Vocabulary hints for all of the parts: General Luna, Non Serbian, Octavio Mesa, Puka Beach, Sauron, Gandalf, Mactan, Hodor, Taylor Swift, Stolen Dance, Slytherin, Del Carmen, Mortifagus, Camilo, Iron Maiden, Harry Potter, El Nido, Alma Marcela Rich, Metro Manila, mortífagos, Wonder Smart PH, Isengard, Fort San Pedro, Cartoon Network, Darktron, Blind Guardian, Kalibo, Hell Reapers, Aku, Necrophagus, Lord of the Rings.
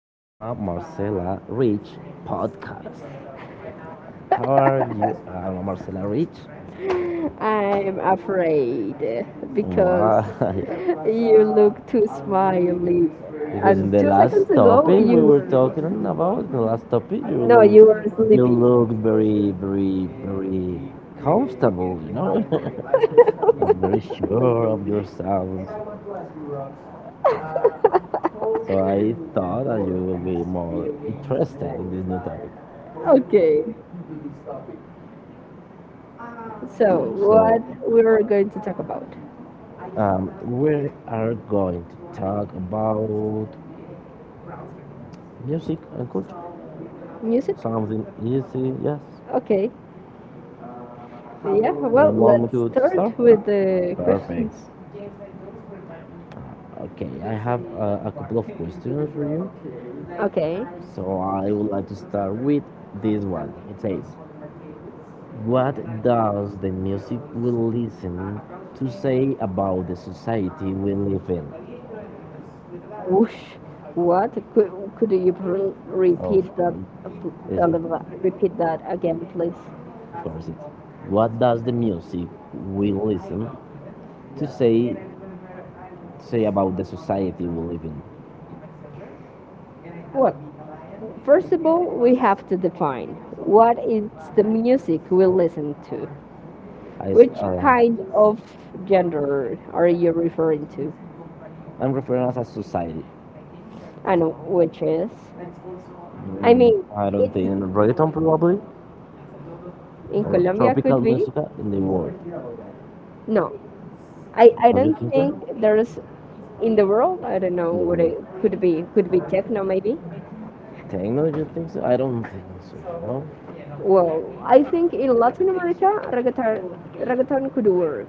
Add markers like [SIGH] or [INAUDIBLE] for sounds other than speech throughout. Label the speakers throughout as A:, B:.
A: Alma Marcela Rich podcast. How are you, Alma Marcela Rich?
B: [LAUGHS] I'm afraid
A: Why?
B: because you look too smiley,
A: [LAUGHS]
B: and
A: Because in the
B: two
A: last
B: seconds ago
A: topic we
B: you
A: were talking about, in the last topic
B: no, you were
A: you
B: sleepy.
A: look very, very, very comfortable, [LAUGHS]
B: [LAUGHS]
A: very sure of yourself. So I thought that you will be more interested in this new topic.
B: Okay, so
A: So
B: what we're going to talk about?
A: We are going to talk about music and culture.
B: Music?
A: Something easy, yes.
B: Okay, yeah. Well,
A: Want me
B: let's
A: to start?
B: start with the
A: Perfect.
B: questions.
A: Okay, I have a couple of questions for you.
B: Okay.
A: So I would like to start with this one. It says, what does the music we listen to say about the society we live in?
B: Whoosh. What? Could you repeat that?
A: Okay. Is,
B: Repeat that again, please.
A: course it. What does the music we listen to say about the society we live in?
B: Well, first of all, we have to define what is the music we listen to.
A: I, s-
B: Which
A: uh,
B: kind of genre are you referring to?
A: I'm referring as a society.
B: And which is?
A: I
B: I mean,
A: Mm, I don't think
B: it
A: reggaeton probably
B: in
A: or
B: Colombia
A: tropical
B: could be.
A: music in the world.
B: No, I
A: Don't you
B: don't
A: think
B: think
A: so?
B: there's in the world. I don't
A: In
B: know
A: the
B: what
A: world.
B: it could be. Could be techno maybe.
A: Techno, you think so? I don't think so. No.
B: Well, I think in Latin America, reggaeton, reggaeton could work,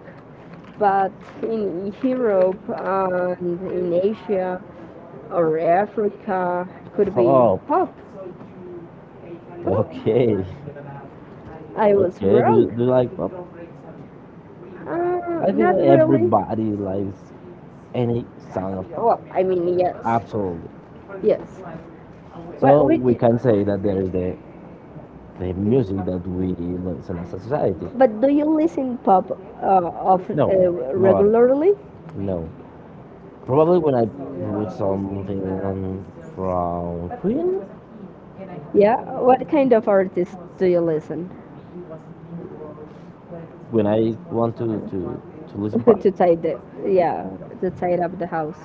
B: but in Europe and in Asia or Africa, could be
A: Pop.
B: pop. Pop?
A: Okay.
B: I
A: Okay.
B: was
A: Do you,
B: wrong.
A: do you like pop? I think
B: Not
A: that
B: really.
A: everybody likes any sound of pop.
B: Well, I mean, yes,
A: Absolutely.
B: yes. But
A: So
B: which,
A: we can say that there is the music that we listen as a society.
B: but do you listen pop of
A: No, no, not
B: regularly?
A: no. Probably when I put something on from Queen,
B: Yeah. What kind of artists do you listen
A: when I want to listen pop.
B: [LAUGHS] to tidy? Yeah, to tidy up the house.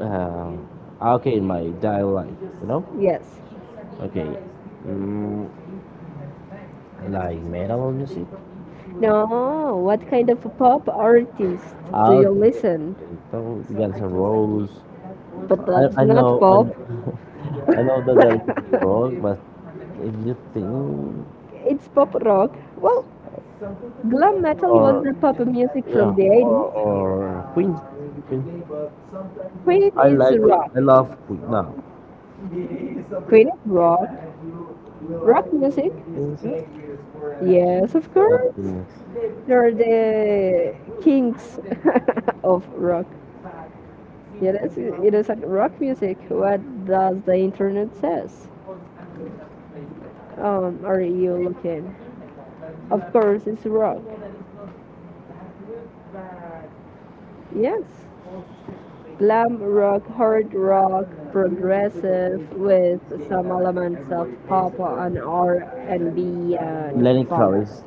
A: Um, okay, in my daily life, you know.
B: Yes.
A: Okay, mm, like metal music.
B: No, what kind of pop artist do
A: I'll
B: you listen?
A: So Guns N' Roses,
B: But
A: I,
B: that's
A: I
B: not
A: know, I
B: pop.
A: know, [LAUGHS] I know that that
B: [LAUGHS]
A: is wrong, but if you think,
B: It's pop rock. Well, glam metal was
A: or
B: the pop music
A: yeah,
B: from the
A: or
B: 80s.
A: or Queen, Queen.
B: Queen
A: I
B: is
A: like Queen.
B: rock.
A: I love Queen. Now.
B: Queen is rock. Rock music?
A: Is it?
B: Yes, of
A: I don't
B: course.
A: think it's
B: They're the kings [LAUGHS] of rock. Yes, it is a rock music. What does the internet says? Are you looking? Of course, it's rock. Yes. Glam rock, hard rock, progressive with some elements of pop and R&B and B
A: Lenny
B: and funk.
A: Kravitz.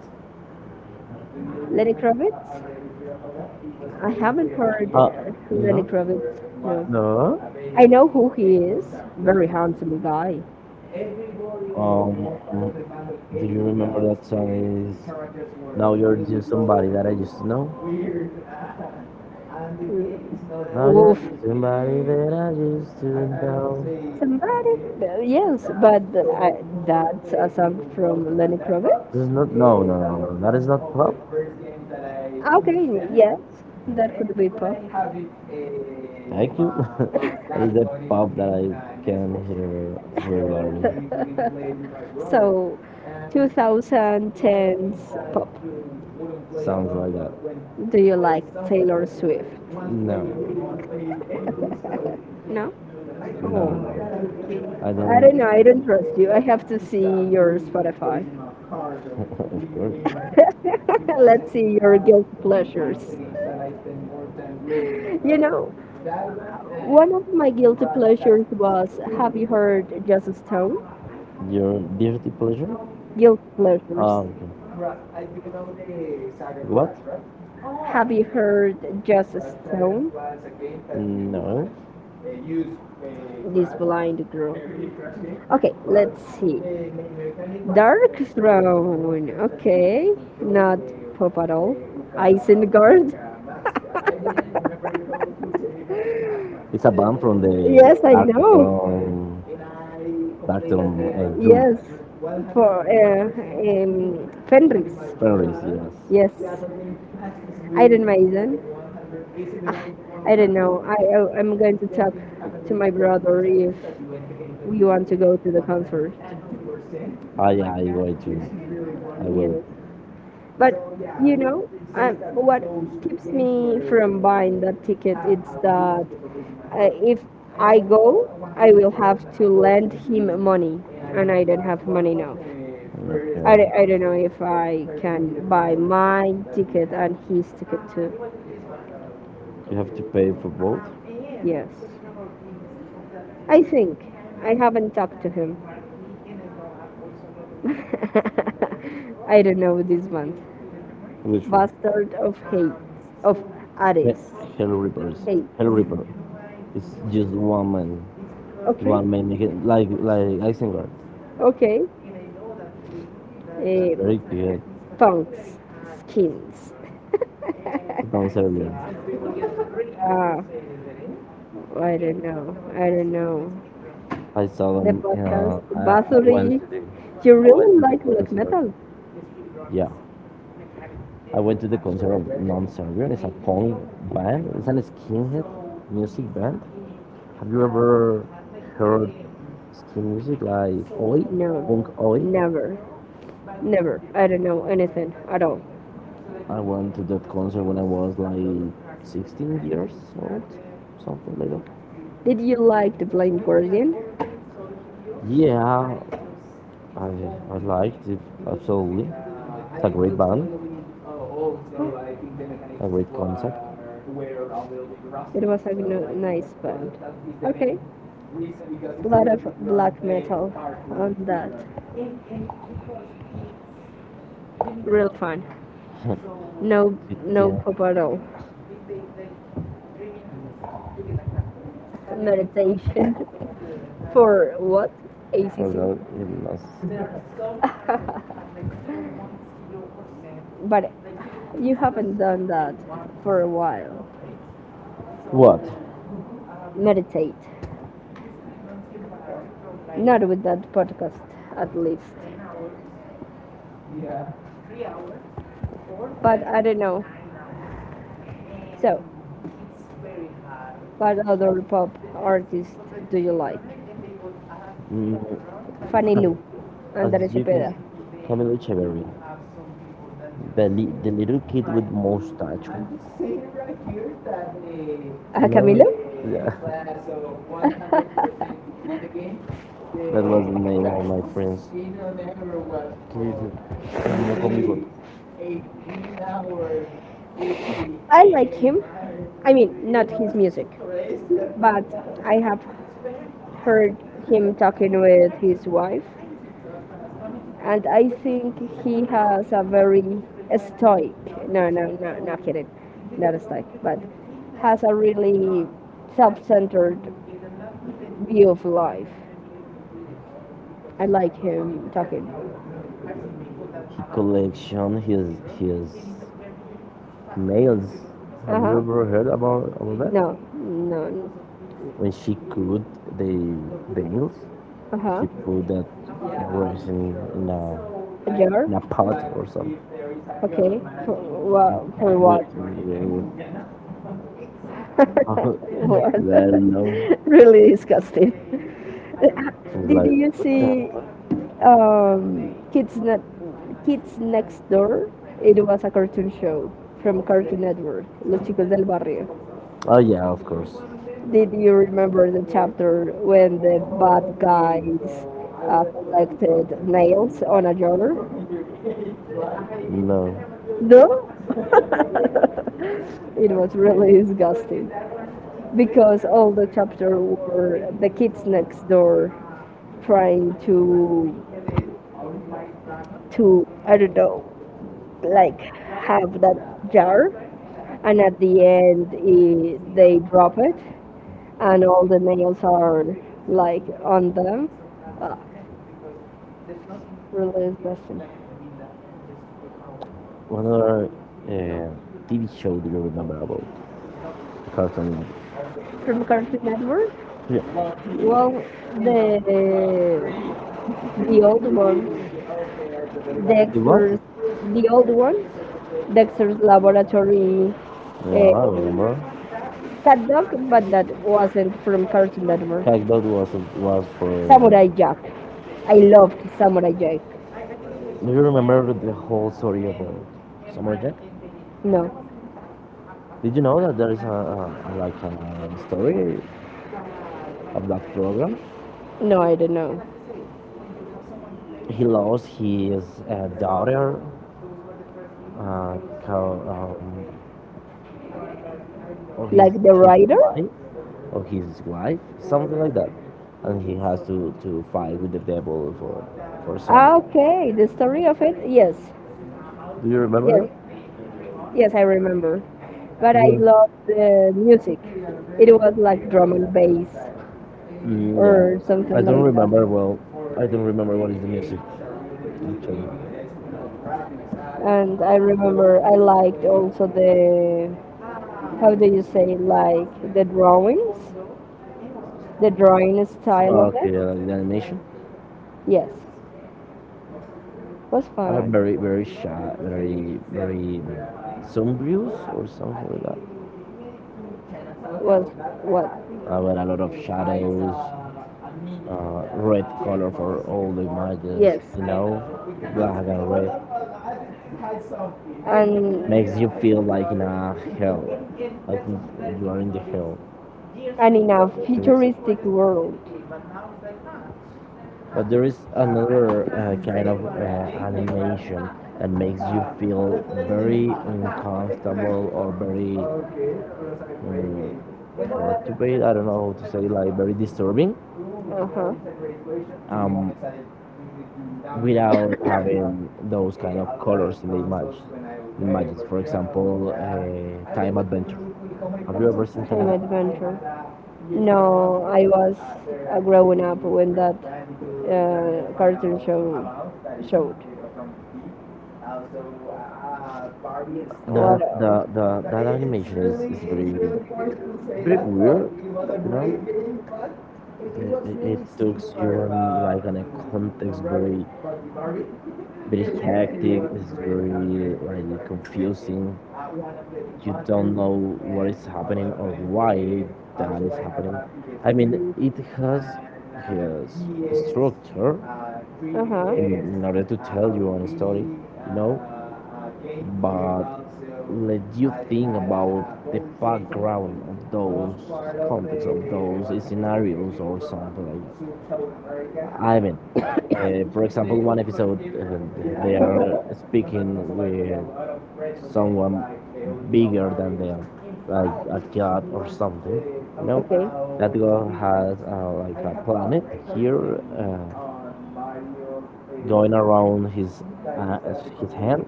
B: Lenny Kravitz? I haven't heard
A: Uh,
B: Lenny
A: no,
B: Kravitz. No.
A: no.
B: I know who he is. Very handsome guy.
A: Um, do you remember that song? Is now you're just somebody that I used to know? Now that
B: Oof.
A: somebody that I used to know.
B: Somebody, but yes, but that's a song from Lenny Kravitz.
A: This is not, no, no, no, no, that is not pop.
B: Okay, yes, that could be pop.
A: Thank you. [LAUGHS] That is the pop that I
B: [LAUGHS] [LAUGHS]
A: can
B: So,
A: hear
B: we need
A: regularly.
B: So 2010s pop.
A: Sounds like
B: Do
A: that.
B: you like Taylor Swift?
A: No,
B: [LAUGHS] No?
A: no,
B: Oh,
A: no. I
B: I don't
A: don't.
B: know. I don't trust you. I have to see your Spotify.
A: [LAUGHS] Of course.
B: [LAUGHS] Let's see your guilty pleasures. You know, one of my guilty pleasures was Have you heard Just Stone?
A: Your guilty pleasure?
B: Guilty
A: Ah,
B: pleasures.
A: okay. What? Right?
B: Have you heard Just Stone?
A: No.
B: This blind girl. Okay, let's see. Dark Throne. Okay, not pop at all. Isengard. [LAUGHS]
A: It's a band from the
B: Yes, I know.
A: Darktron Drum.
B: Yes, for Fenris.
A: Fenris, yes.
B: Yes, Iron Maiden. Ah, I don't know. I'm going to talk to my brother if we want to go to the concert.
A: Yeah, I will too. I will.
B: Yeah. But you know, what keeps me from buying that ticket it's that if I go, I will have to lend him money, and I don't have money now. I don't know if I can
A: Okay.
B: buy my ticket and his ticket too.
A: You have to pay for both?
B: Yes, I think I haven't talked to him. [LAUGHS] I don't know this month.
A: Which one?
B: Bastard of hate of
A: He-
B: Ares.
A: Hell Reapers.
B: Hate.
A: Hell Reaper. It's just one man.
B: Okay,
A: One may make it like Isengard.
B: okay. Eh,
A: Very good.
B: Funk's skins.
A: Don't
B: [LAUGHS]
A: say weird.
B: Ah, I don't know. I don't know.
A: I saw
B: The
A: them. You
B: podcast.
A: know, I went
B: Basuri.
A: to the
B: You really like black metal?
A: Yeah, I went to the concert of Non Serbian. It's a punk band. It's an skinhead music band. Have you ever heard skin music like Oi, punk
B: No.
A: Oi?
B: Never. Never. I don't know anything at all.
A: I went to that concert when I was like 16 years old, something like that.
B: Did you like The Blind Guardian?
A: Yeah, I, I liked it, absolutely. It's a great band, a great concept.
B: It was a nice band. Okay. A lot of black metal on that. Real fun. No,
A: [LAUGHS] It,
B: no
A: yeah,
B: pop at all. Meditation [LAUGHS] for what?
A: as
B: ACC?
A: well, it was-
B: [LAUGHS] But you haven't done that for a while.
A: What?
B: Meditate. Not with that podcast, at least. But I don't know. So, what other pop artist do you like?
A: Mm,
B: Fanny Lu, Andrés
A: as you can
B: Cepeda.
A: see, Camilo Echeverry. The little kid with mustache.
B: Ah, Camilo?
A: No, yeah, [LAUGHS]
B: [LAUGHS]
A: that was the name of my friends. ¿Qué dices? Conmigo.
B: I like him. I mean, not his music, but I have heard him talking with his wife, and I think he has a very stoic. No, no, no, not kidding, not stoic, but has a really self-centered view of life. I like him talking.
A: He collection his nails.
B: Uh
A: Have you
B: huh.
A: ever heard about that?
B: No, no.
A: When she cut the the nails,
B: Uh
A: he
B: huh.
A: put that resin in in, a
B: A jar.
A: in a pot or something.
B: Okay. For
A: But
B: what? For what?
A: yeah,
B: [LAUGHS] What?
A: [LAUGHS] that no,
B: [LAUGHS] Really disgusting. [LAUGHS]
A: it's
B: Did
A: like
B: you
A: what the
B: see?
A: fuck?
B: um, Kids, ne- Kids Next Door. It was a cartoon show from Cartoon Network, Los Chicos del Barrio.
A: Oh yeah, of course.
B: Did you remember the chapter when the bad guys collected nails on a jar?
A: No,
B: No? [LAUGHS] It was really disgusting because all the chapter were the kids next door trying to I don't know like have that jar and at the end I they drop it and all the nails are like on them. Ugh, really disgusting
A: what other uh, TV show do you remember about? Cartoon Network.
B: from Cartoon Network.
A: Yeah.
B: Well, the the old ones
A: The what?
B: Dexter's the old ones Dexter's laboratory,
A: Yeah, I
B: um,
A: remember.
B: cat dog but that wasn't from Cartoon Network.
A: Hackdog was for
B: Samurai Jack, I loved Samurai Jack.
A: do you remember the whole story of Samurai Jack?
B: No,
A: Did you know that there is a story of that program?
B: no, I don't know.
A: He lost his daughter, uh, co- um, or his
B: Like the
A: Like,
B: writer?
A: wife, or his wife, something like that, and he has to fight with the devil for
B: Ah,
A: something.
B: okay, the story of it? Yes,
A: Do you remember
B: yes,
A: that?
B: yes, I remember. But I
A: All
B: loved the music. It
A: right.
B: was like drum and
A: Well,
B: bass
A: Yeah,
B: or
A: I
B: something
A: don't
B: like that.
A: remember well. I don't remember what is the music. Actually.
B: And I remember I liked also how do you say, like the drawings, the drawing style
A: Oh,
B: of it.
A: okay, the animation
B: Yes, was
A: are
B: fun.
A: very, very shy, very, very sombrious or something like that.
B: Was what?
A: With a lot of shadows, red color for all the images,
B: Yes,
A: you know, black and red.
B: and
A: Makes you feel like in a hell, like you are in the hell.
B: in a futuristic world.
A: But there is another kind of animation that makes you feel very uncomfortable or very um, motivated. I don't know how to say, like very disturbing,
B: Uh huh.
A: um, without having those kind of colors in the image. Images, for example, Time Adventure. Have you ever seen
B: Time
A: Time,
B: adventure. No, I was growing up when that cartoon show showed. What
A: that
B: else?
A: the that animation is very weird. You know, it takes you on like on a context very
B: [LAUGHS]
A: [LAUGHS] hectic. It's very like confusing. You don't know what is happening or why that is happening. I mean, it has his structure in order to tell you a story, you know, but let you think about the background of those context of those scenarios or something like that. I mean, for example, one episode they are speaking with someone bigger than them, like a god or something. You know, that god has like a planet here uh, going around uh, his hand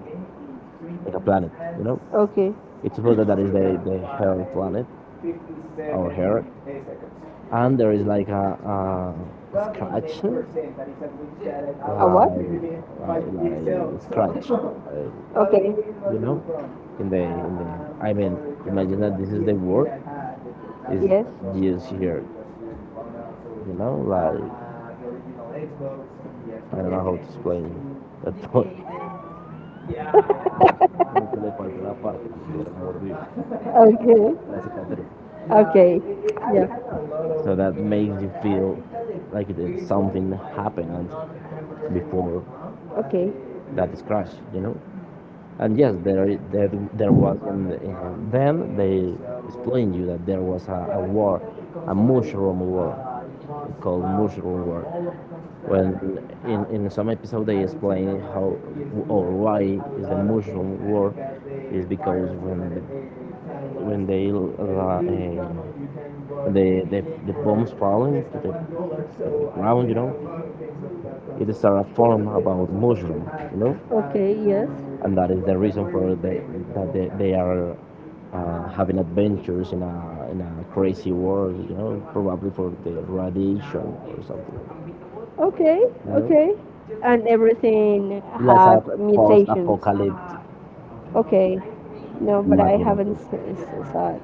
A: like a planet. You know,
B: Okay.
A: it's supposed that that is the hell planet, our hair, and there is like a scratch
B: A what?
A: like scratch like,
B: Okay.
A: you know, in the I mean, imagine that this is the word is
B: Yes.
A: used here, like I don't know how to explain that [LAUGHS] point. Como que le falta parte que pudiera morir.
B: [LAUGHS] Okay.
A: Casi cicatriz.
B: Okay. Yeah.
A: So that makes you feel like it, something happened before
B: Okay.
A: that scratch, you know. And yes, there was in, then they explained you that there was a war, a mushroom war, called mushroom war. When in some episode they explain how or why is the mushroom war, is because when the when they the, the the bombs falling to the ground, you know, it is a form about mushroom, you know,
B: Okay, yes.
A: and that is the reason for that they are having adventures in a crazy world, you know, probably for the radiation or something.
B: Okay,
A: You know,
B: okay. And everything
A: that's a
B: have mutations.
A: post-apocalyptic
B: Okay. No, but I
A: imagine. Of
B: haven't
A: it.
B: seen that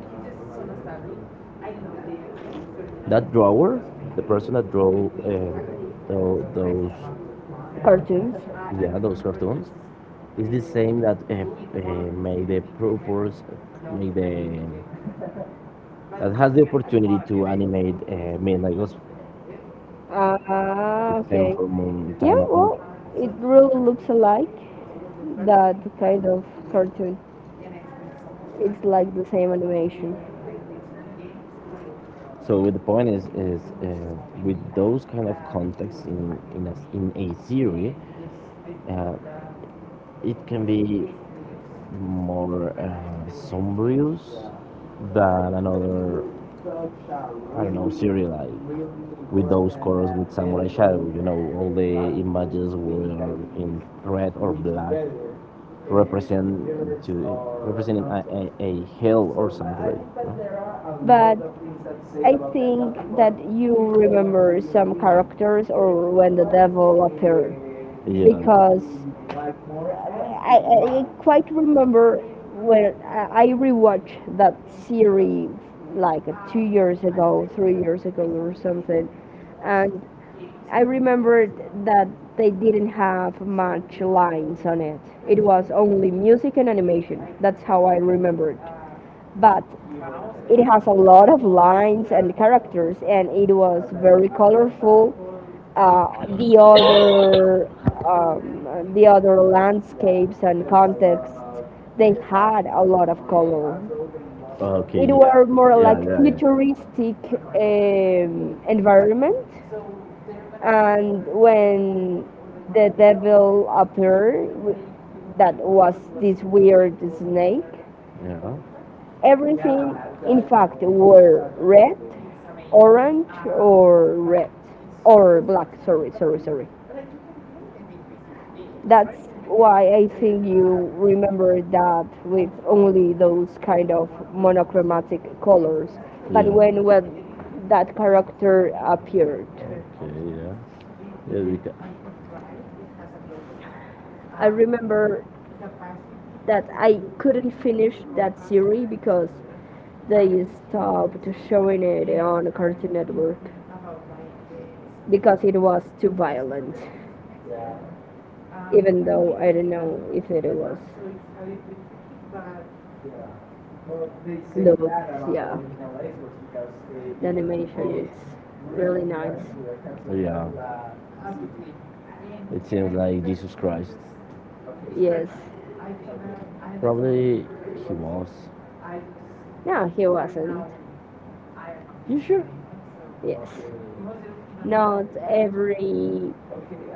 A: That drawer, the person that drew those,
B: cartoons.
A: yeah, those cartoons, is the same that made the purpose, make the that has the opportunity to animate Midnight Gospel.
B: Ah,
A: Same
B: okay.
A: for Moon Time
B: Yeah,
A: Adventure.
B: well, it really looks alike. That kind of cartoon. It's like the same animation.
A: So the point is with those kind of contexts in in a theory, uh, it can be more sombrious than another I don't know theory like with those colors with samurai shadow. You know all the images were in red or black, represent to representing a hill or something, you know?
B: But I think that you remember some characters or when the devil appeared,
A: Yeah.
B: because I quite remember when I rewatched that series like two years ago, three years ago, or something, and I remembered that they didn't have much lines on it. It was only music and animation. That's how I remembered but it has a lot of lines and characters, and it was very colorful. Uh, the other the other landscapes and context they had a lot of color. It
A: Okay. Yeah.
B: were more
A: Yeah.
B: like
A: Yeah. Yeah.
B: futuristic environment, and when the devil appeared, that was this weird snake.
A: Yeah.
B: Everything, in fact, were red, orange, or red, or black. Sorry, sorry, sorry. That's why I think you remember that with only those kind of monochromatic colors.
A: By
B: But
A: yeah.
B: when that character appeared,
A: Okay. Yeah. Yeah. We
B: I remember that I couldn't finish that series because they stopped showing it on Cartoon Network because it was too violent, even though I don't know if it was. Look, yeah, the animation is
A: really
B: really nice.
A: yeah. It seems like Jesus Christ.
B: Yes.
A: Probably he was.
B: No, he wasn't.
A: You sure?
B: Yes. Not every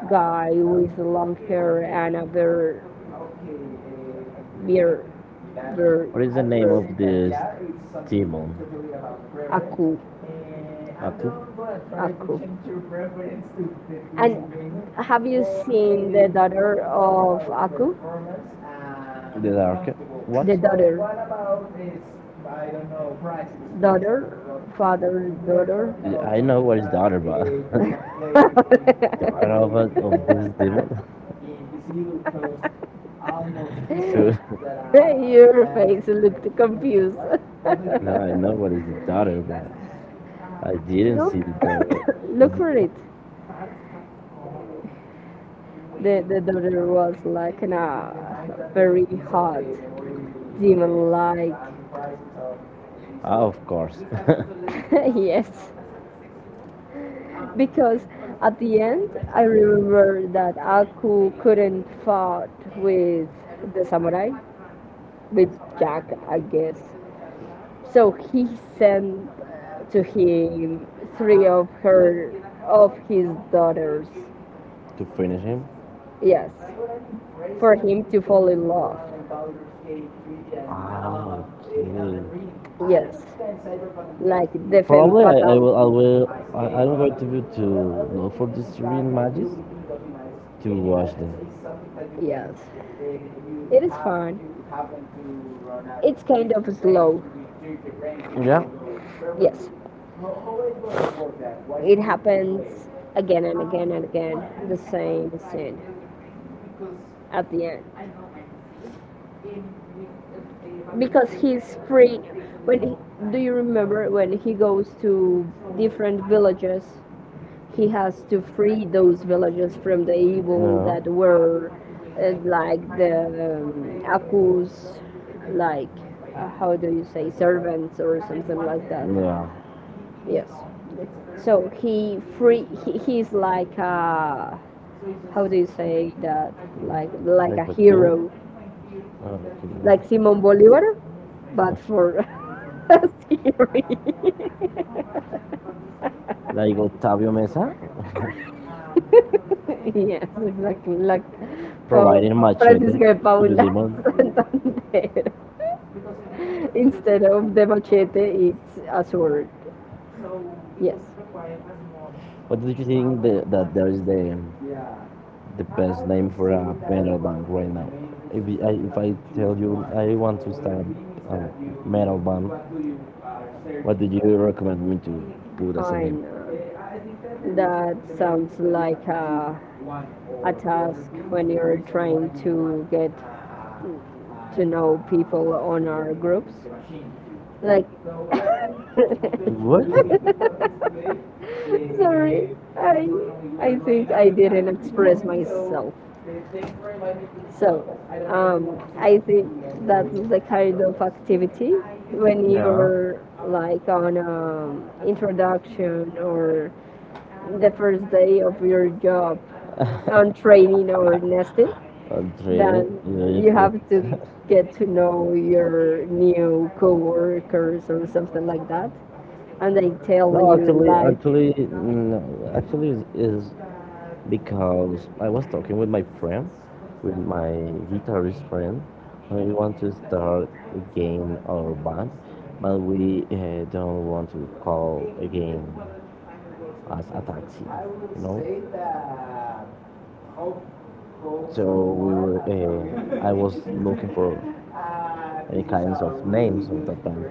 B: guy with long hair and a beard. Beer, beer,
A: What is the name
B: beer,
A: of this demon?
B: aku.
A: I think-
B: Aku.
A: the
B: And have you seen the daughter of Aku?
A: dark- what?
B: The daughter, daughter, father, daughter.
A: Yeah, I know what is daughter, but- [LAUGHS] I know about [LAUGHS] of this demon.
B: [LAUGHS]
A: [LAUGHS]
B: [LAUGHS]
A: So- [LAUGHS]
B: Your face looked confused. [LAUGHS]
A: No, I know what is the daughter, but I didn't
B: Look,
A: see the daughter.
B: [COUGHS] look for it. The daughter was like in a very hot demon like.
A: Ah, of course. [LAUGHS] To
B: [LAUGHS] Yes, because at the end I remember that Aku couldn't fought with the samurai, with Jack, I guess. So he sent to him three of her of his daughters.
A: finish him.
B: Yes, for him to fall in love.
A: Ah, okay.
B: Yes, like the femme
A: Probably I, I
B: fatale.
A: will I will I, I'm going to look for these Syrian matches to watch them.
B: Yes, it is fun. It's kind of slow.
A: Yeah.
B: Yes, it happens again and again and again. The same scene at the end because he's free when he, do you remember when he goes to different villages he has to free those villages from the evil
A: No.
B: that were like the accused like how do you say servants or something like that yes so he free he's like a how do you say
A: Yeah.
B: that like
A: Like
B: a
A: a king.
B: hero
A: Oh,
B: like
A: okay.
B: Simon Bolivar, but for [LAUGHS] scary.
A: Like Octavio Mesa
B: [LAUGHS] Yes, exactly. Like
A: [LAUGHS]
B: for
A: providing machete
B: Francisco de
A: to the
B: Paula
A: demon.
B: [LAUGHS] Santander. Instead of the machete, it's a sword. Yes,
A: What do you think that there is the best name for a metal band right now? If I tell you I want to start a metal band, what do you recommend me to put as a
B: I
A: name?
B: know. That sounds like a task when you're trying to get to know people on our groups. Like, [LAUGHS]
A: What?
B: sorry, I, I think I didn't express myself. So, I think that's the kind of activity when
A: Yeah.
B: you're like on introduction or the first day of your job on training or nesting.
A: That
B: Then you have
A: you-
B: to get to
A: you- [LAUGHS]
B: know your new coworkers or something like that, and they tell
A: no,
B: you
A: actually,
B: like,
A: actually, no, actually is because I was talking with my friend, with my guitarist friend, and we want to start again our band, but we don't want to call again as a taxi. So I was looking for any kinds of names of that band.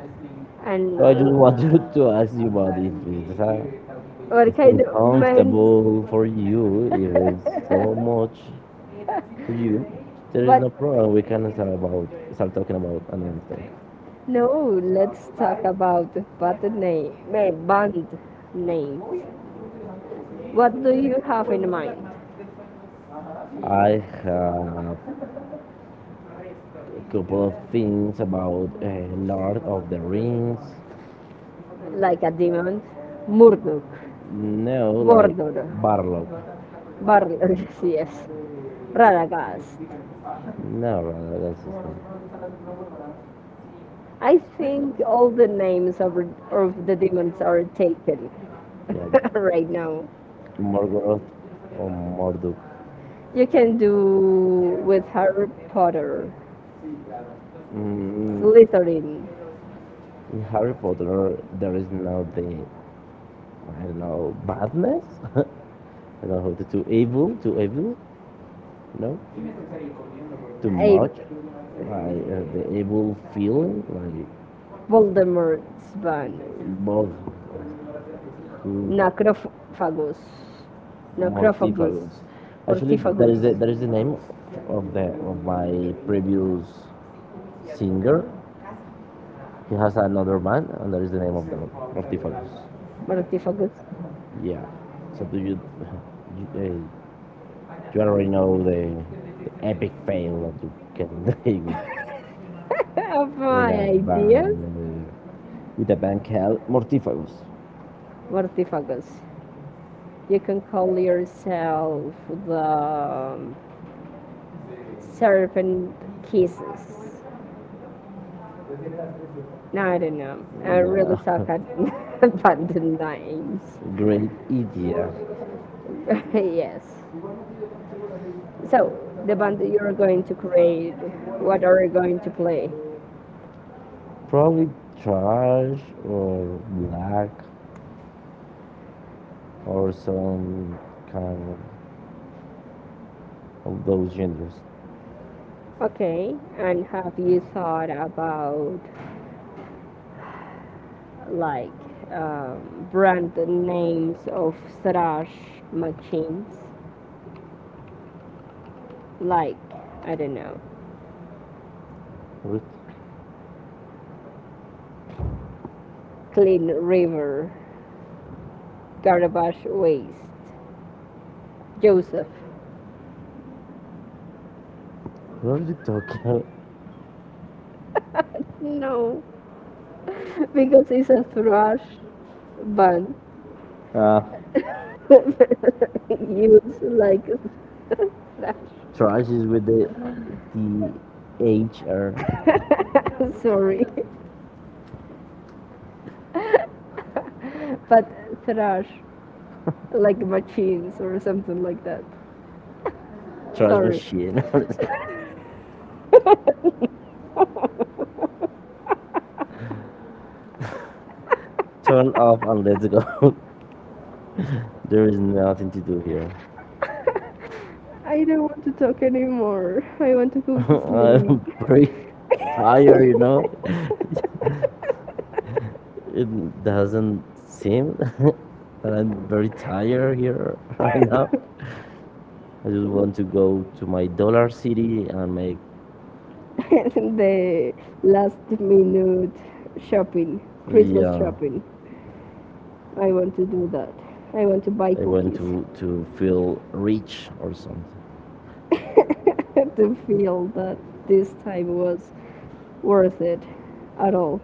B: and
A: So I just wanted [LAUGHS] to ask you about if it's
B: what
A: it's
B: kind of man?
A: uncomfortable for you, if it's so
B: [LAUGHS]
A: much for you, there is
B: But
A: no problem. We can start talking about another thing.
B: no, let's talk about bad name, band names. What do you have in mind?
A: I have a couple of things about Lord of the Rings.
B: Like a demon, Murdoch,
A: No, like
B: Mordor,
A: Barlow.
B: Barlog, [LAUGHS] yes, Radagast.
A: No, rather, that's his name.
B: I think all the names of the demons are taken [LAUGHS] right
A: Yeah, [LAUGHS]
B: now.
A: Morgoth or Morduk.
B: You can do with Harry Potter,
A: Mm,
B: Slytherin,
A: in Harry Potter, there is no the I don't know badness. [LAUGHS] I don't know how to do evil, to evil. No, too
B: a
A: much, like the evil feeling, like
B: Voldemort's band,
A: both who
B: Necrophagus, Necrophagus,
A: mortífagos. Actually, that is
B: Mortifagus,
A: the name of my previous singer. He has another band, and that is the name of the mortífagos.
B: Mortifagus.
A: Yeah. So do you [LAUGHS] you, uh, you already know the epic fail that you can [LAUGHS] take with
B: [LAUGHS] Of my
A: a
B: ideas,
A: band? With the Bancal mortifagos,
B: Mortifagus. You can call yourself the Serpent Kisses. No, I don't know. I really
A: no.
B: suck at
A: That [LAUGHS]
B: [LAUGHS] band names.
A: great idea.
B: [LAUGHS] Yes. So, the band that you're going to create, what are you going to play?
A: Probably trash or black or some kind of those genders.
B: Okay, and have you thought about like brand names of thrash machines? Like, I don't know,
A: What,
B: Clean River, Garbage Waste, Joseph.
A: what are you talking
B: No, [LAUGHS] because it's a thrash band.
A: about?
B: [LAUGHS] Use like thrash.
A: Trash is with the HR
B: [LAUGHS] Sorry. [LAUGHS] But thrash, like machines or something like that.
A: trash
B: Sorry. [LAUGHS]
A: machine. [LAUGHS] Turn off and let's go. [LAUGHS] There is nothing to do here.
B: I don't want to talk anymore. I want to go
A: [LAUGHS]
B: to sleep.
A: I'm pretty tired, you know. It doesn't seem [LAUGHS] that I'm very tired here [LAUGHS] right now. I just
B: [LAUGHS] [LAUGHS]
A: want to go to my Dollar City and make,
B: [LAUGHS] The last minute shopping, Christmas
A: yeah,
B: shopping. I want to do that. I want to buy
A: I want
B: cookies
A: to feel rich or something.
B: [LAUGHS] to feel that this time was worth it at all.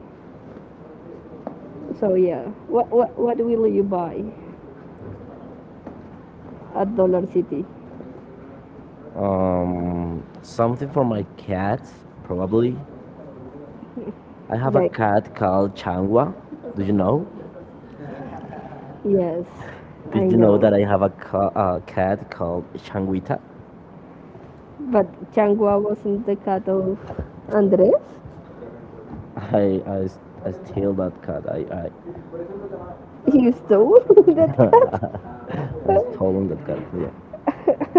B: So yeah, what will you buy at Dollar City?
A: Something for my cat, probably. I have a
B: Like
A: cat called Changwa. Do you know?
B: yes, I
A: Did you know
B: know,
A: that I have a, a cat called Changuita?
B: but Changwa wasn't the cat of Andres.
A: I steal that cat. I
B: He stole [LAUGHS] that cat.
A: I stolen that cat. Yeah.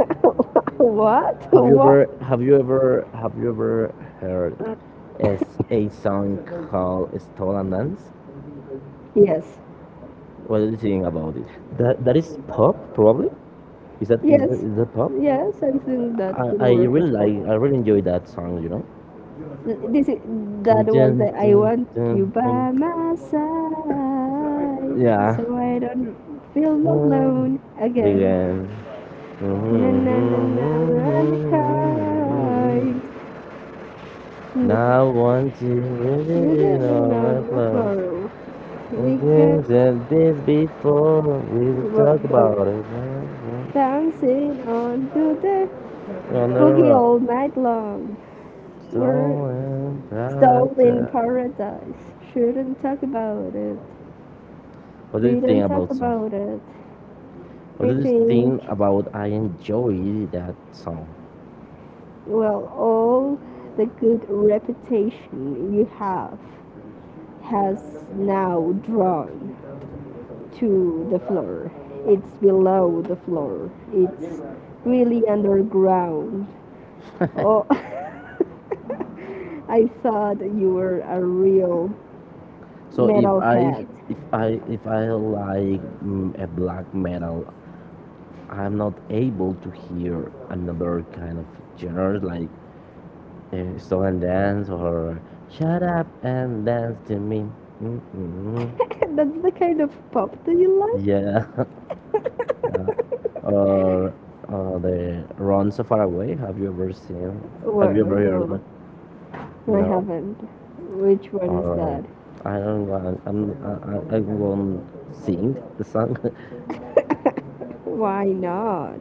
B: [LAUGHS] What?
A: Have you ever
B: What?
A: heard as a song called "Stolen Dance."
B: Yes,
A: What do you think about it? That is pop probably? Is that
B: yes,
A: is that pop?
B: yes. I think that
A: I,
B: could
A: I
B: work.
A: really
B: As,
A: like. I really enjoy that song. You know.
B: this is,
A: Dun,
B: that was
A: dun,
B: the I
A: dun,
B: want
A: dun,
B: you
A: dun,
B: by my side,
A: yeah.
B: so I don't feel alone again.
A: Begin.
B: Na na na na na na kind. N-
A: Now want to
B: You are
A: visit
B: living
A: on my
B: on the
A: flow.
B: floor. We can
A: I've said this before we
B: what
A: talk about
B: the
A: it.
B: dancing on to the
A: On the
B: boogie
A: road.
B: all night long. We're
A: So
B: Stone
A: embarrassed.
B: in Paradise. Shouldn't talk about it.
A: What do you
B: We
A: think
B: don't talk
A: about
B: about it. I think,
A: I enjoy that song?
B: well, all the good reputation you have has now drawn to the floor. It's below the floor. It's really underground. Oh, [LAUGHS] I thought you were a real
A: So
B: metalhead.
A: if I like a black metal, I'm not able to hear another kind of genre like stolen dance or shut up and dance to me. Mm-mm.
B: [LAUGHS] That's the kind of pop that you like.
A: Yeah. [LAUGHS] Yeah.
B: [LAUGHS]
A: Or the Run So Far Away. Have you ever seen? Have you
B: Well,
A: ever heard
B: no,
A: that?
B: no, I
A: No.
B: haven't. Which one is
A: Or
B: that?
A: I don't want. I'm. I won't sing the song
B: [LAUGHS] Why not?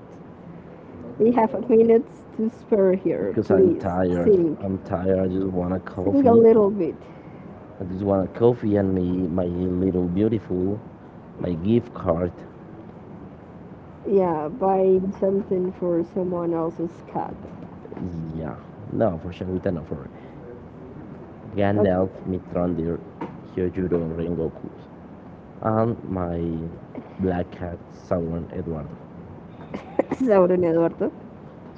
B: We have minutes to spare
A: [LAUGHS]
B: here.
A: because I'm
B: Please
A: tired.
B: sing.
A: I'm tired. I just want a
B: Sing a
A: coffee.
B: little bit.
A: I just want a coffee and me my little beautiful my gift card.
B: Yeah, buying something for someone else's cat.
A: Yeah. No, for sure. With an offer. Gandalf,
B: Okay.
A: Mithrandir, Hyojuro, Rengoku, and my black cat Sauron Eduardo.
B: [LAUGHS] Sauron Eduardo.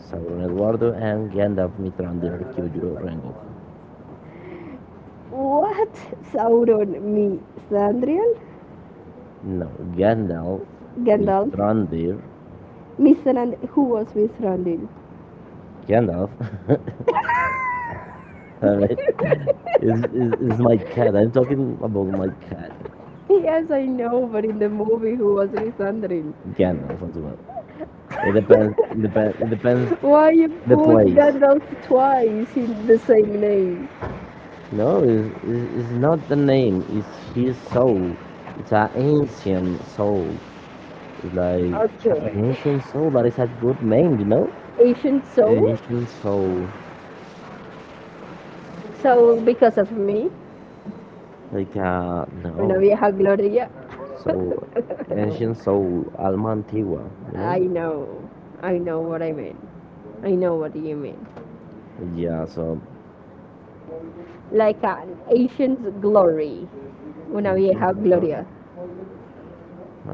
A: Sauron Eduardo and Gandalf, Mithrandir, Hyojuro, Rengoku.
B: What? Sauron, Missandriel?
A: No, Gandalf,
B: Gandalf?
A: Randir,
B: Missandriel, who was Missandriel?
A: Gandalf, [LAUGHS] I
B: [LAUGHS]
A: mean, is my cat. I'm talking about my cat,
B: Yes, I know, but in the movie, who was Missandriel?
A: Gandalf as well. It depends. It depends. It depends
B: Why you
A: the
B: put
A: place.
B: Gandalf twice in the same name?
A: No, it's not the name. It's his soul. It's an ancient soul. Like
B: Okay,
A: ancient soul, that is a good name, you know?
B: ancient soul.
A: Ancient soul,
B: So because of me.
A: like
B: Una
A: no,
B: vieja gloria.
A: so ancient soul, alma antigua, you know?
B: I know, I know what I mean. I know what you mean.
A: Yeah, so
B: Like an ancient glory, una vieja
A: warrior, a
B: gloria.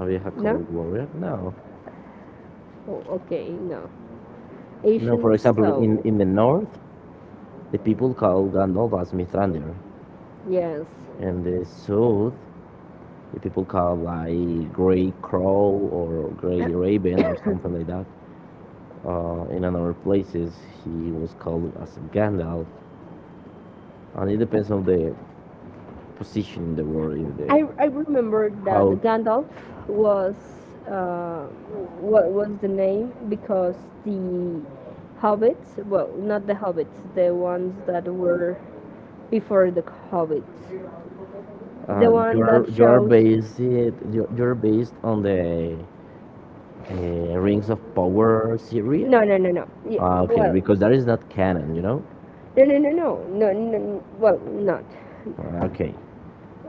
A: vieja
B: No?
A: called warrior. No,
B: Oh, okay, no.
A: no. For
B: Ancient
A: example, in
B: soul.
A: the north, the people call Gandalf as Mithrandir,
B: Yes.
A: and the south, the people call like Grey Crow or Grey Raven or something like that. In another places, he was called as Gandalf, and it depends on the position in the world, if
B: I
A: the
B: I remember that
A: how
B: Gandalf was uh, what was the name because the hobbits, well, not the hobbits, the ones that were before the hobbits, the one that
A: you are
B: shows
A: based you you are based on the Rings of Power series.
B: no, yeah
A: Ah, okay,
B: well
A: because that is not canon, you know.
B: no no no no, no, well not
A: Ah, okay,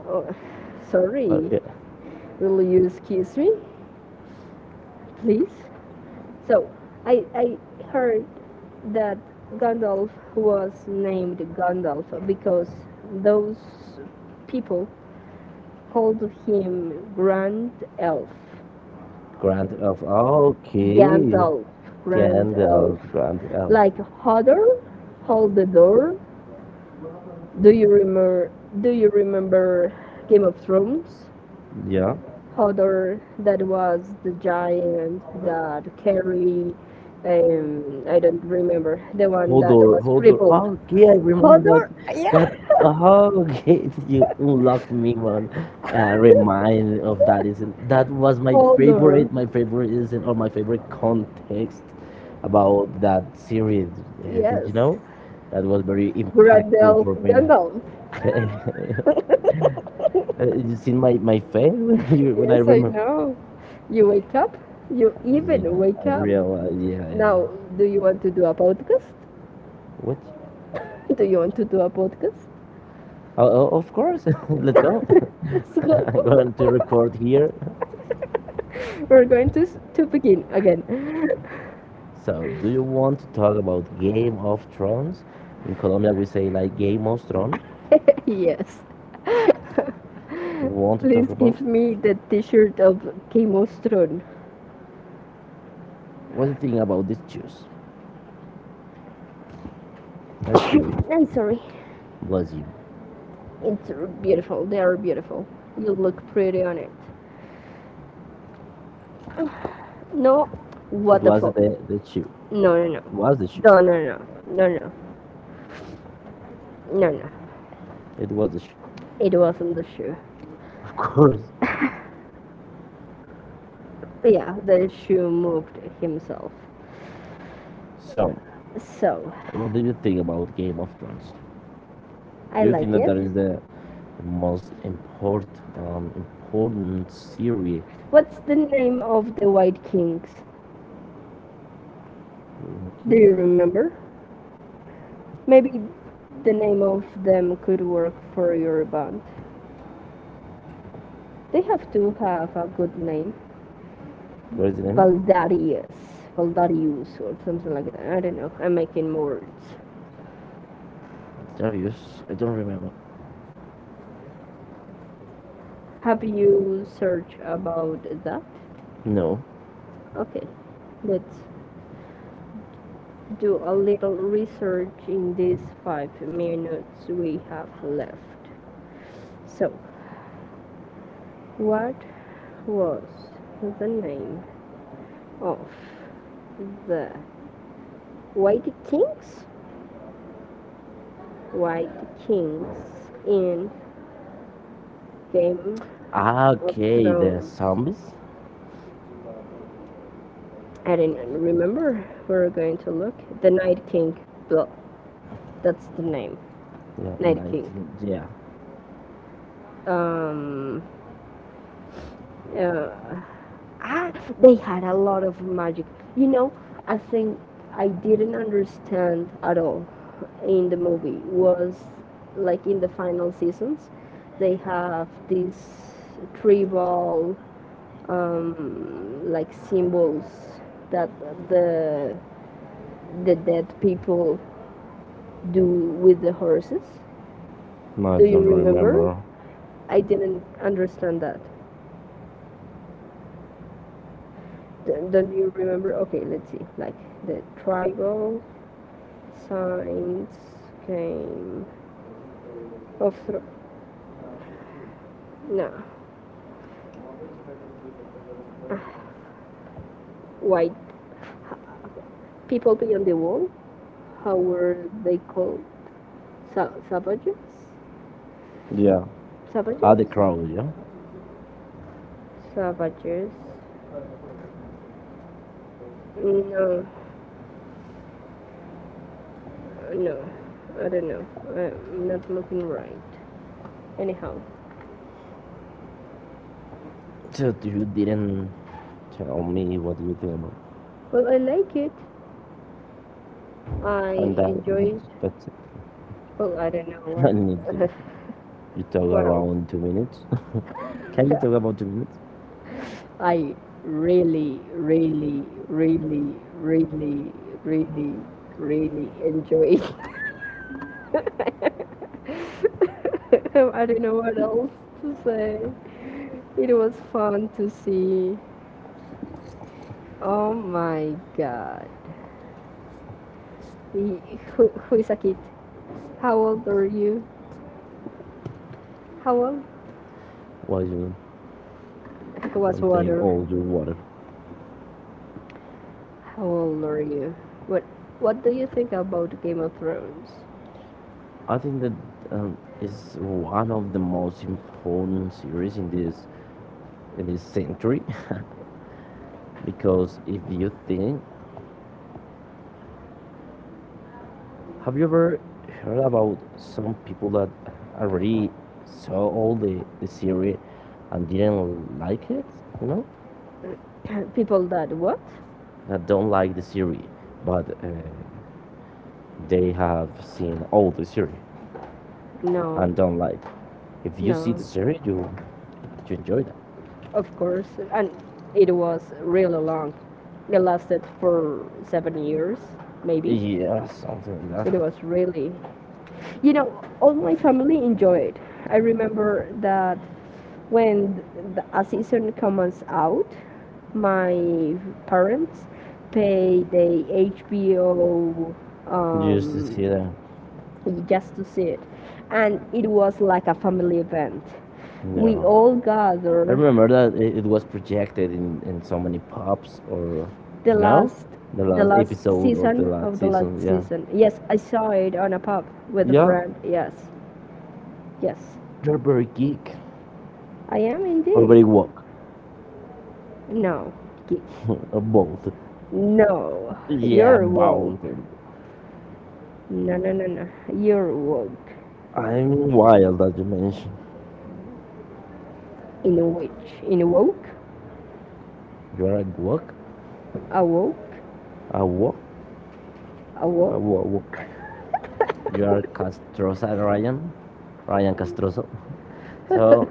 B: oh, sorry
A: Yeah.
B: will you excuse me please so I heard that Gandalf was named Gandalf because those people called him Grand Elf.
A: Grand of okay,
B: Gandalf, Grand Elf.
A: Grand
B: Like
A: Elf.
B: Hodor, Hold the Door. Do you remember do you remember Game of Thrones?
A: Yeah,
B: Hodor that was the giant that carried I don't remember the one
A: hold
B: that
A: on,
B: was
A: hold on.
B: crippled.
A: Oh, yeah, I Hold remember
B: Hodor
A: that. That
B: yeah
A: oh, okay, [LAUGHS] you unlock me one. Remind of that isn't that was my
B: Holder.
A: favorite. My favorite isn't or my favorite context about that series. Did
B: Yes.
A: you yes know that was very Brazil impactful
B: Gandalf.
A: for me?
B: Gandalf.
A: [LAUGHS] You see my my face when [LAUGHS] you when I
B: Yes, I
A: remember.
B: know. You wake up. You even
A: Yeah,
B: wake
A: I
B: up.
A: realize. Yeah, yeah, yeah.
B: Now, do you want to do a podcast?
A: What?
B: [LAUGHS] Do you want to do a podcast?
A: Oh, oh, of course. [LAUGHS] Let's go. [LAUGHS]
B: [LAUGHS] Let's
A: I'm going to
B: go. [LAUGHS]
A: record here.
B: We're going to s- to begin again.
A: So, do you want to talk about Game of Thrones? In Colombia, we say like Game of Thrones.
B: [LAUGHS] Yes. [LAUGHS]
A: Do you want to talk
B: Please
A: about?
B: give me the T-shirt of Chemostron.
A: What do you think about this shoes? That shoe,
B: [COUGHS] I'm sorry.
A: was you.
B: It's beautiful. They are beautiful. You look pretty on it. No,
A: It
B: what the
A: was
B: fuck?
A: the, shoe.
B: No, no, no,
A: It was the shoe.
B: no, no, no, no, no, no, no.
A: It was the shoe.
B: It wasn't the shoe.
A: [LAUGHS] Of course.
B: [LAUGHS] Yeah, the shoe moved himself.
A: So,
B: So,
A: what do you think about Game of Thrones?
B: I
A: Do you think
B: like
A: like that
B: it.
A: that is the most important, important series?
B: What's the name of the White Kings? Do you
A: Okay.
B: remember? Maybe the name of them could work for your band. They have to have a good name.
A: What is the name?
B: Valdarius. Valdarius or something like that. I don't know. I'm making words.
A: Darius. I don't remember.
B: Have you searched about that?
A: No.
B: Okay, let's do a little research in these 5 minutes we have left. So, what was the name of the White Kings? White Kings in Game
A: Ah,
B: of
A: okay, the
B: Thrones.
A: zombies?
B: I didn't remember. We're going to look. The Night King. Well, that's the name.
A: Yeah,
B: Night
A: and
B: King.
A: yeah.
B: Um, uh, Ah, they had a lot of magic. You know, I think I didn't understand at all in the movie was like in the final seasons, they have these tribal like symbols that the the dead people do with the horses.
A: No, I
B: Do you remember?
A: don't
B: I didn't understand that. D- Don't you remember? Okay, let's see. Like the tribal. Science game of no Ah, white people beyond the wall. How were they called? Sa- savages?
A: remember. Yeah. Ah, the
B: Savages?
A: crow, yeah?
B: Savages? No, no, I don't know. I'm not looking right. Anyhow,
A: So you didn't tell me what you think about
B: well, I like it. I
A: and that.
B: enjoy it.
A: That's it. [LAUGHS]
B: Well, I don't
A: [LAUGHS] I
B: know
A: need to,
B: what
A: [LAUGHS] you talk
B: [LAUGHS] what else.
A: around 2 minutes. [LAUGHS] Can you talk about 2 minutes?
B: I really, really, really, really, really, really enjoy. [LAUGHS] I don't know what else to say. It was fun to see. Oh my god. Y- Who is a kid? How old are you? How old?
A: Why you
B: I
A: It
B: was
A: don't take
B: water.
A: all your water?
B: How old are you? What What do you think about Game of Thrones?
A: I think that is one of the most important series in this century [LAUGHS] because if you think have you ever heard about some people that already saw all the series and didn't like it? You know,
B: [CLEARS THROAT] People that what?
A: that don't like the series, but they have seen all the series
B: No,
A: and don't like. If you see
B: no.
A: the series, you enjoy that.
B: Of course, and it was really long. It lasted for 7 years, maybe. Yeah, something
A: Yeah, something like
B: like It
A: that.
B: that. Was really, you know, all my family enjoyed. I remember that when a season comes out, my parents pay the HBO
A: You used to see
B: um,
A: that.
B: Yeah. Just to see it, and it was like a family event. We
A: Yeah.
B: all
A: I
B: gather
A: remember that it was projected in so many pubs or
B: the
A: you know last,
B: last
A: the
B: the
A: last
B: last
A: episode of the season
B: season
A: last
B: of the last
A: season. Yeah,
B: season. Yes, I saw it on a pub with a Yeah.
A: yeah,
B: friend. Yes, yes,
A: they're very geek
B: I am
A: or very
B: indeed.
A: woke
B: No, geek.
A: [LAUGHS] or both.
B: No,
A: Yeah,
B: you're woke.
A: both.
B: No. You're woke.
A: I'm wild that you mentioned.
B: In a witch. In a woke.
A: You are a woke,
B: Awoke.
A: a woke, a walk.
B: Awoke.
A: Woke. Woke. You are Castroza Ryan, Ryan Castroza.
B: [LAUGHS] Well,
A: So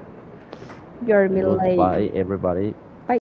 B: You're
A: like, goodbye
B: Malay.
A: like everybody.
B: Bye.